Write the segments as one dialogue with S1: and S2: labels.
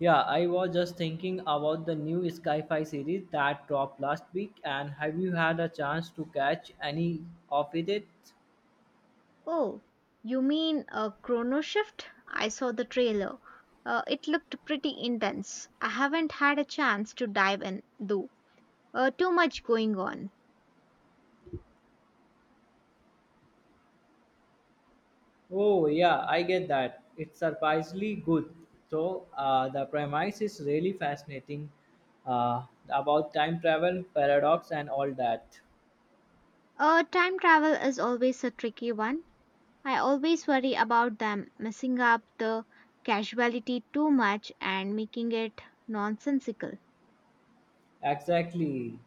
S1: Yeah, I was just thinking about the new Skyfi series that dropped last week, and have you had a chance to catch any of it?
S2: Oh, you mean Chrono Shift? I saw the trailer. It looked pretty intense. I haven't had a chance to dive in, though. Too much going on.
S1: Oh, yeah, I get that. It's surprisingly good. So, the premise is really fascinating uh, about time travel, paradox, and all that.
S2: Time travel is always a tricky one. I always worry about them messing up the casualty too much and making it nonsensical.
S1: Exactly.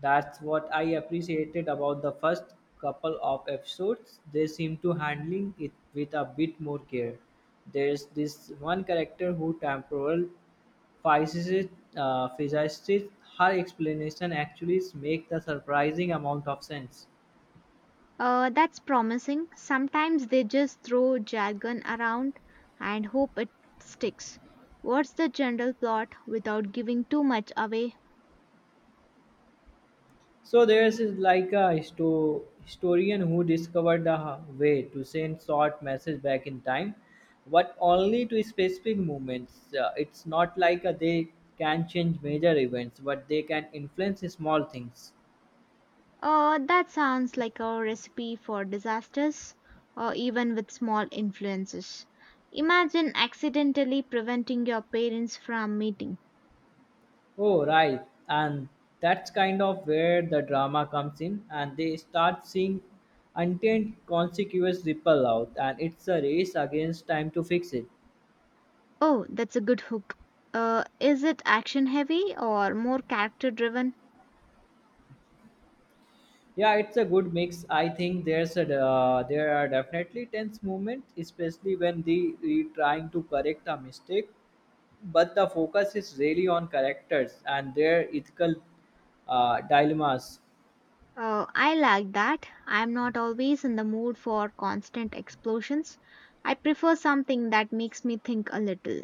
S1: That's what I appreciated about the first couple of episodes. They seem to handling it with a bit more care. There's this one character who temporal physicist, physicist, her explanation actually make the surprising amount of sense.
S2: That's promising. Sometimes they just throw jargon around and hope it sticks. What's the general plot without giving too much away?
S1: So there's is like a historian who discovered the way to send short message back in time, but only to specific moments. It's not like they can change major events, but they can influence small things.
S2: That sounds like a recipe for disasters, or even with small influences. Imagine accidentally preventing your parents from meeting.
S1: Oh, right. And that's kind of where the drama comes in, and they start seeing untamed consequences ripple out, and it's a race against time to fix it.
S2: Oh, that's a good hook. Is it action heavy or more character driven?
S1: Yeah, it's a good mix. I think there's a there are definitely tense moments, especially when the trying to correct a mistake, but the focus is really on characters and their ethical dilemmas.
S2: I like that. I'm not always in the mood for constant explosions. I prefer something that makes me think a little.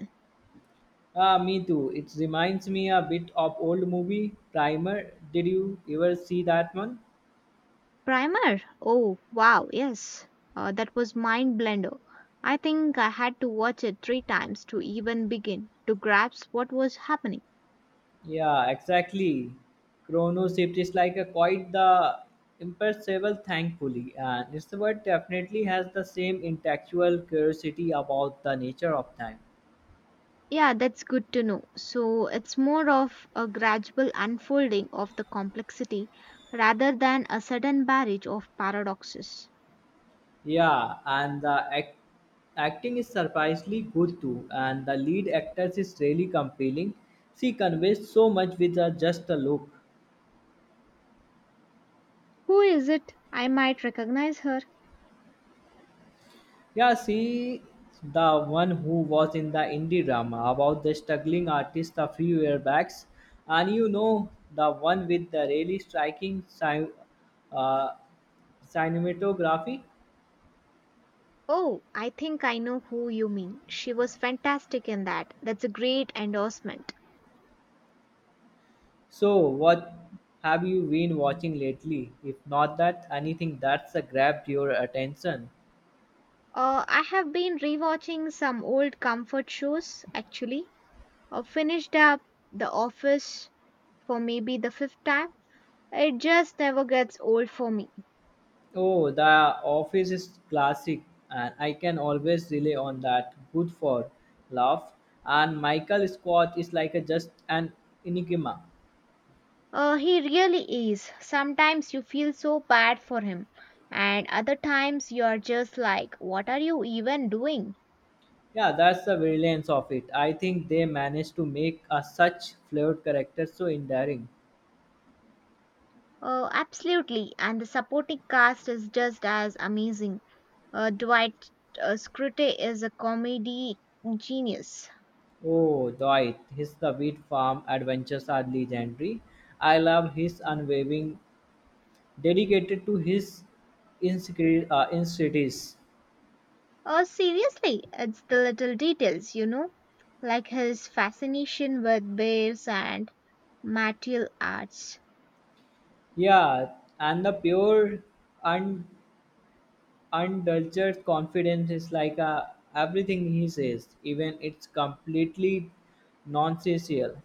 S1: Ah, me too. It reminds me a bit of old movie Primer. Did you ever see that one?
S2: Primer? Oh, wow, yes. That was mind blender. I think I had to watch it three times to even begin to grasp what was happening.
S1: Yeah, exactly. Chrono Shift is like a quite the imperceptible, thankfully, and this word definitely has the same intellectual curiosity about the nature of time.
S2: Yeah, that's good to know. So it's more of a gradual unfolding of the complexity rather than a sudden barrage of paradoxes.
S1: Yeah, and the acting is surprisingly good too, and the lead actress is really compelling. She conveys so much with just a look.
S2: Who is it? I might recognize her.
S1: Yeah, she the one who was in the indie drama about the struggling artist a few years back, and the one with the really striking uh, cinematography.
S2: Oh, I think I know who you mean. She was fantastic in that. That's a great endorsement.
S1: So, what have you been watching lately? If not that anything that's grabbed your attention.
S2: I have been rewatching some old comfort shows actually. I finished up The Office for maybe the fifth time. It just never gets old for me.
S1: Oh, the office is classic, and I can always rely on that. Good for laugh. And Michael Scott is like a just an enigma.
S2: He really is. Sometimes you feel so bad for him, and other times you are just like, what are you even doing?
S1: Yeah, that's the brilliance of it. I think they managed to make a such flawed character so endearing.
S2: Absolutely, and the supporting cast is just as amazing. Dwight Schrute is a comedy genius.
S1: Oh, Dwight, his the wheat farm adventures are legendary. I love his unwavering, dedicated to his insecurities.
S2: Oh, seriously, it's the little details, you know, like his fascination with bears and martial arts.
S1: Yeah, and the pure and. And confidence is like everything he says, even it's completely nonsensical.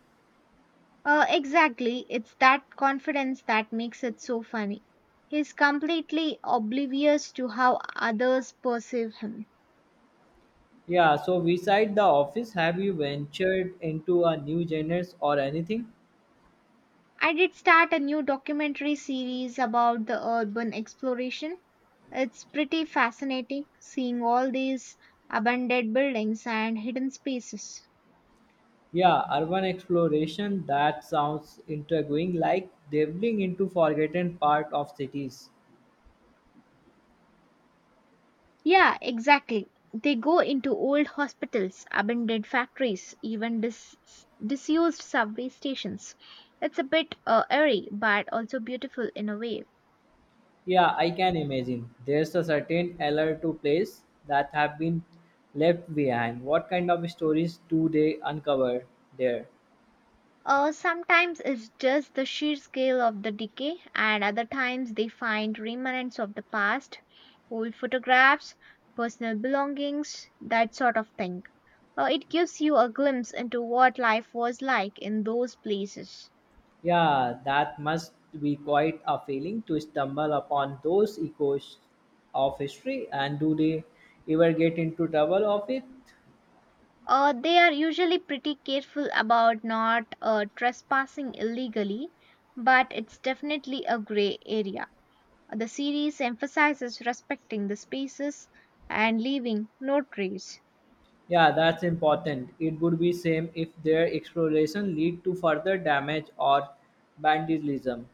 S2: Exactly, it's that confidence that makes it so funny. He's completely oblivious to how others perceive him.
S1: Yeah, so beside the office, have you ventured into a new genres or anything?
S2: I did start a new documentary series about the urban exploration. It's pretty fascinating seeing all these abandoned buildings and hidden spaces.
S1: Yeah, urban exploration, that sounds intriguing, like delving into forgotten part of cities.
S2: Yeah, exactly. They go into old hospitals, abandoned factories, even disused subway stations. It's a bit eerie, but also beautiful in a way.
S1: Yeah, I can imagine. There's a certain allure to place that have been left behind. What kind of stories do they uncover there?
S2: Sometimes it's just the sheer scale of the decay, and other times they find remnants of the past, old photographs, personal belongings, that sort of thing. It gives you a glimpse into what life was like in those places.
S1: Yeah, that must be quite a feeling to stumble upon those echoes of history. And do they ever get into trouble of it?
S2: They are usually pretty careful about not trespassing illegally, but it's definitely a gray area. The series emphasizes respecting the spaces and leaving no trace.
S1: Yeah, that's important. It would be same if their exploration lead to further damage or vandalism.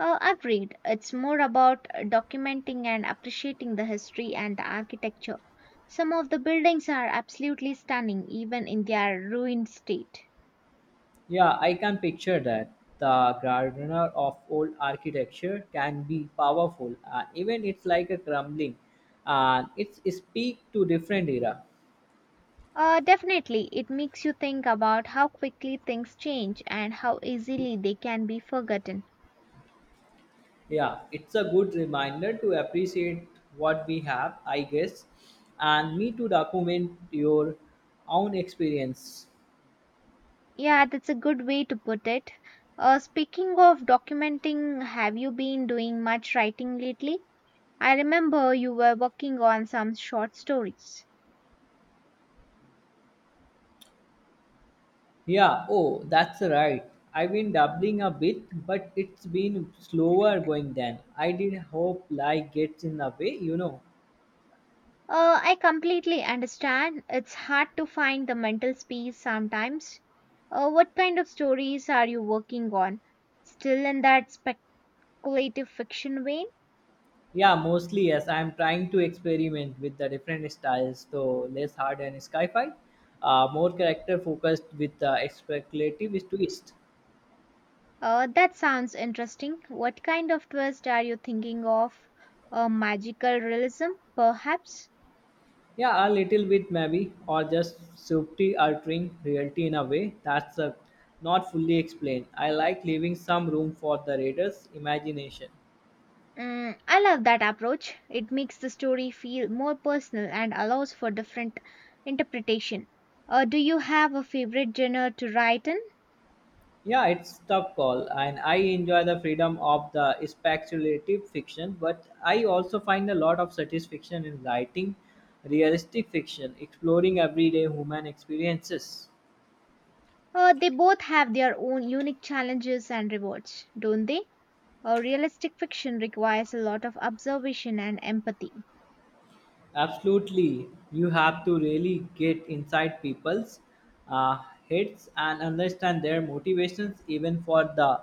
S2: Agreed. It's more about documenting and appreciating the history and the architecture. Some of the buildings are absolutely stunning, even in their ruined state.
S1: Yeah, I can picture that. The gardener of old architecture can be powerful, and even it's like a crumbling, and it's speak to different era.
S2: Definitely, it makes you think about how quickly things change and how easily they can be forgotten.
S1: Yeah, it's a good reminder to appreciate what we have, I guess, and me to document your own experience.
S2: Yeah, that's a good way to put it. Speaking of documenting, have you been doing much writing lately? I remember you were working on some short stories.
S1: Yeah, oh, that's right. I've been dabbling a bit, but it's been slower going than I did hope life gets in the way, you know.
S2: I completely understand. It's hard to find the mental space sometimes. What kind of stories are you working on? Still in that speculative fiction vein?
S1: Yeah, mostly yes. I'm trying to experiment with the different styles, so less hard and sci-fi, more character focused with speculative twist.
S2: That sounds interesting. What kind of twist are you thinking of? Magical realism, perhaps?
S1: Yeah, a little bit maybe, or just subtly altering reality in a way that's not fully explained. I like leaving some room for the reader's imagination.
S2: Mm, I love that approach. It makes the story feel more personal and allows for different interpretation. Do you have a favorite genre to write in?
S1: Yeah, it's tough call, and I enjoy the freedom of the speculative fiction, but I also find a lot of satisfaction in writing realistic fiction, exploring everyday human experiences.
S2: They both have their own unique challenges and rewards, don't they? Realistic fiction requires a lot of observation and empathy,
S1: Absolutely, you have to really get inside people's uh, heads and understand their motivations, even for the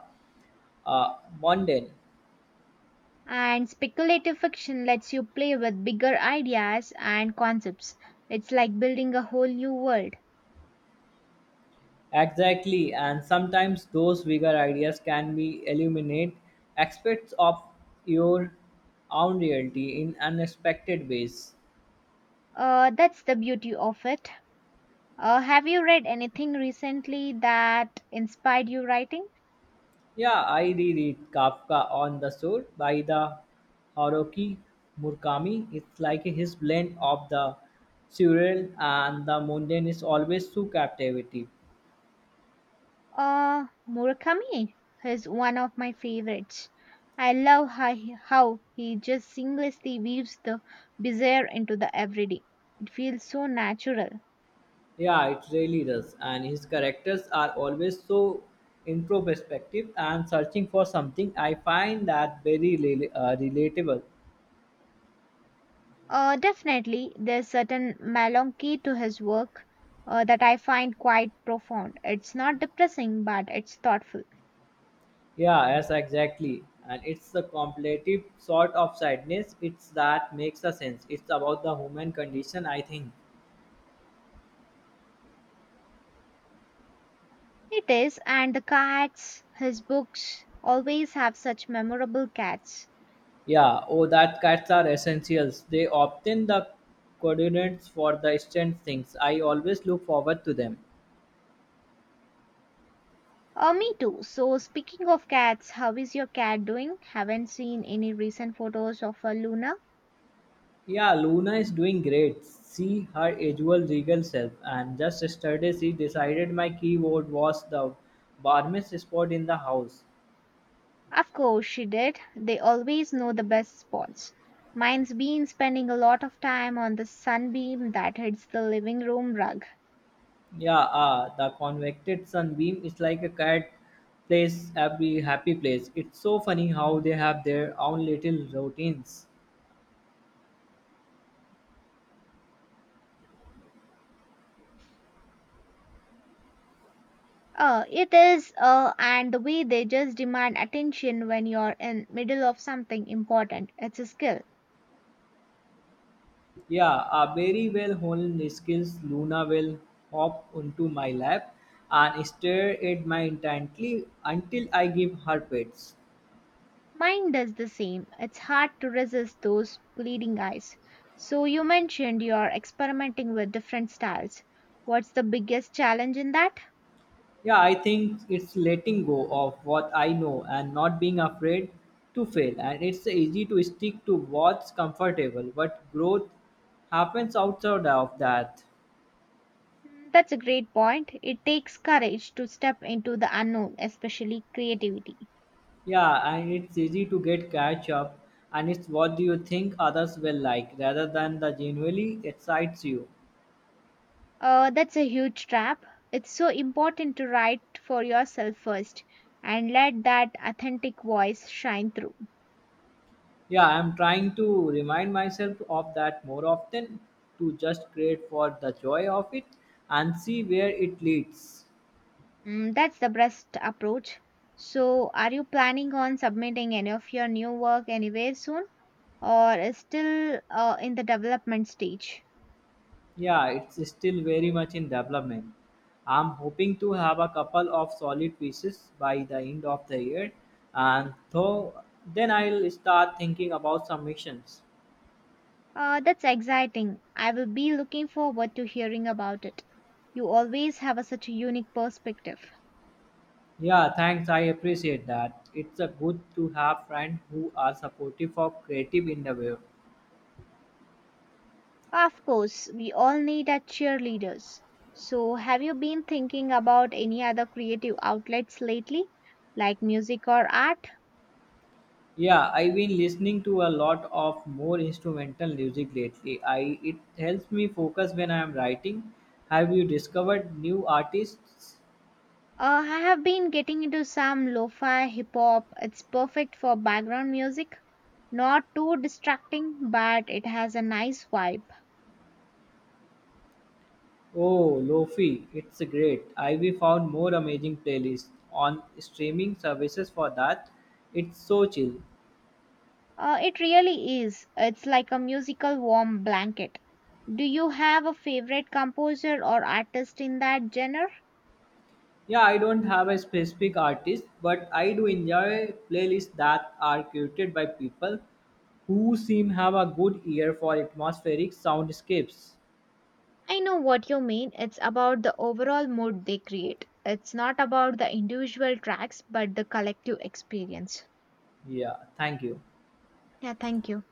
S1: uh, mundane.
S2: and speculative fiction lets you play with bigger ideas and concepts. It's like building a whole new world.
S1: Exactly, and sometimes those bigger ideas can be illuminate aspects of your own reality in unexpected ways.
S2: That's the beauty of it. Have you read anything recently that inspired you writing?
S1: Yeah, I reread Kafka on the Shore by the Haruki Murakami. It's like his blend of the surreal and the mundane is always so captivating.
S2: Murakami is one of my favorites. I love how he just seamlessly weaves the bizarre into the everyday. It feels so natural.
S1: Yeah, it really does. And his characters are always so introspective and searching for something. I find that very relatable.
S2: Definitely, there's certain melancholy to his work that I find quite profound. It's not depressing, but it's thoughtful.
S1: Yeah, yes, exactly. And it's the completive sort of sadness. It's that makes a sense. It's about the human condition, I think.
S2: It is, and the cats, his books, always have such memorable cats.
S1: Yeah, oh, that cats are essentials. They obtain the coordinates for the distant things. I always look forward to them.
S2: Me too. So, speaking of cats, how is your cat doing? Haven't seen any recent photos of her, Luna.
S1: Yeah, Luna is doing great. See her usual regal self. And just yesterday, she decided my keyboard was the warmest spot in the house.
S2: Of course, she did. They always know the best spots. Mine's been spending a lot of time on the sunbeam that hits the living room rug.
S1: Yeah, ah, the convected sunbeam is like a cat place, every happy place. It's so funny how they have their own little routines.
S2: It is, and the way they just demand attention when you're in middle of something important. It's a skill.
S1: Yeah, a very well honed skills. Luna will hop onto my lap and stare at my intently until I give her pets.
S2: Mine does the same. It's hard to resist those pleading eyes. So, you mentioned you're experimenting with different styles. What's the biggest challenge in that?
S1: Yeah, I think it's letting go of what I know and not being afraid to fail. And it's easy to stick to what's comfortable, but growth happens outside of that.
S2: Hmm, that's a great point. It takes courage to step into the unknown, especially creativity.
S1: Yeah, and it's easy to get catch up, and it's what do you think others will like rather than the genuinely excites you.
S2: That's a huge trap. It's so important to write for yourself first and let that authentic voice shine through.
S1: Yeah, I'm trying to remind myself of that more often to just create for the joy of it and see where it leads.
S2: Mm, that's the best approach. So, are you planning on submitting any of your new work anywhere soon, or is still in the development stage?
S1: Yeah, it's still very much in development. I'm hoping to have a couple of solid pieces by the end of the year and though then I'll start thinking about submissions.
S2: That's exciting. I will be looking forward to hearing about it. You always have such a unique perspective.
S1: Yeah, thanks. I appreciate that. It's a good to have friends who are supportive of creative endeavor.
S2: Of course, we all need our cheerleaders. So, have you been thinking about any other creative outlets lately, like music or art?
S1: Yeah, I've been listening to a lot of more instrumental music lately. I it helps me focus when I am writing. Have you discovered new artists?
S2: I have been getting into some lo-fi hip hop. It's perfect for background music. Not too distracting, but it has a nice vibe.
S1: Oh, Lofi, it's great. I've found more amazing playlists on streaming services for that. It's so chill.
S2: It really is. It's like a musical warm blanket. Do you have a favorite composer or artist in that genre?
S1: Yeah, I don't have a specific artist, but I do enjoy playlists that are curated by people who seem have a good ear for atmospheric soundscapes.
S2: I know what you mean. It's about the overall mood they create. It's not about the individual tracks, but the collective experience.
S1: Yeah, thank you.
S2: Yeah, thank you.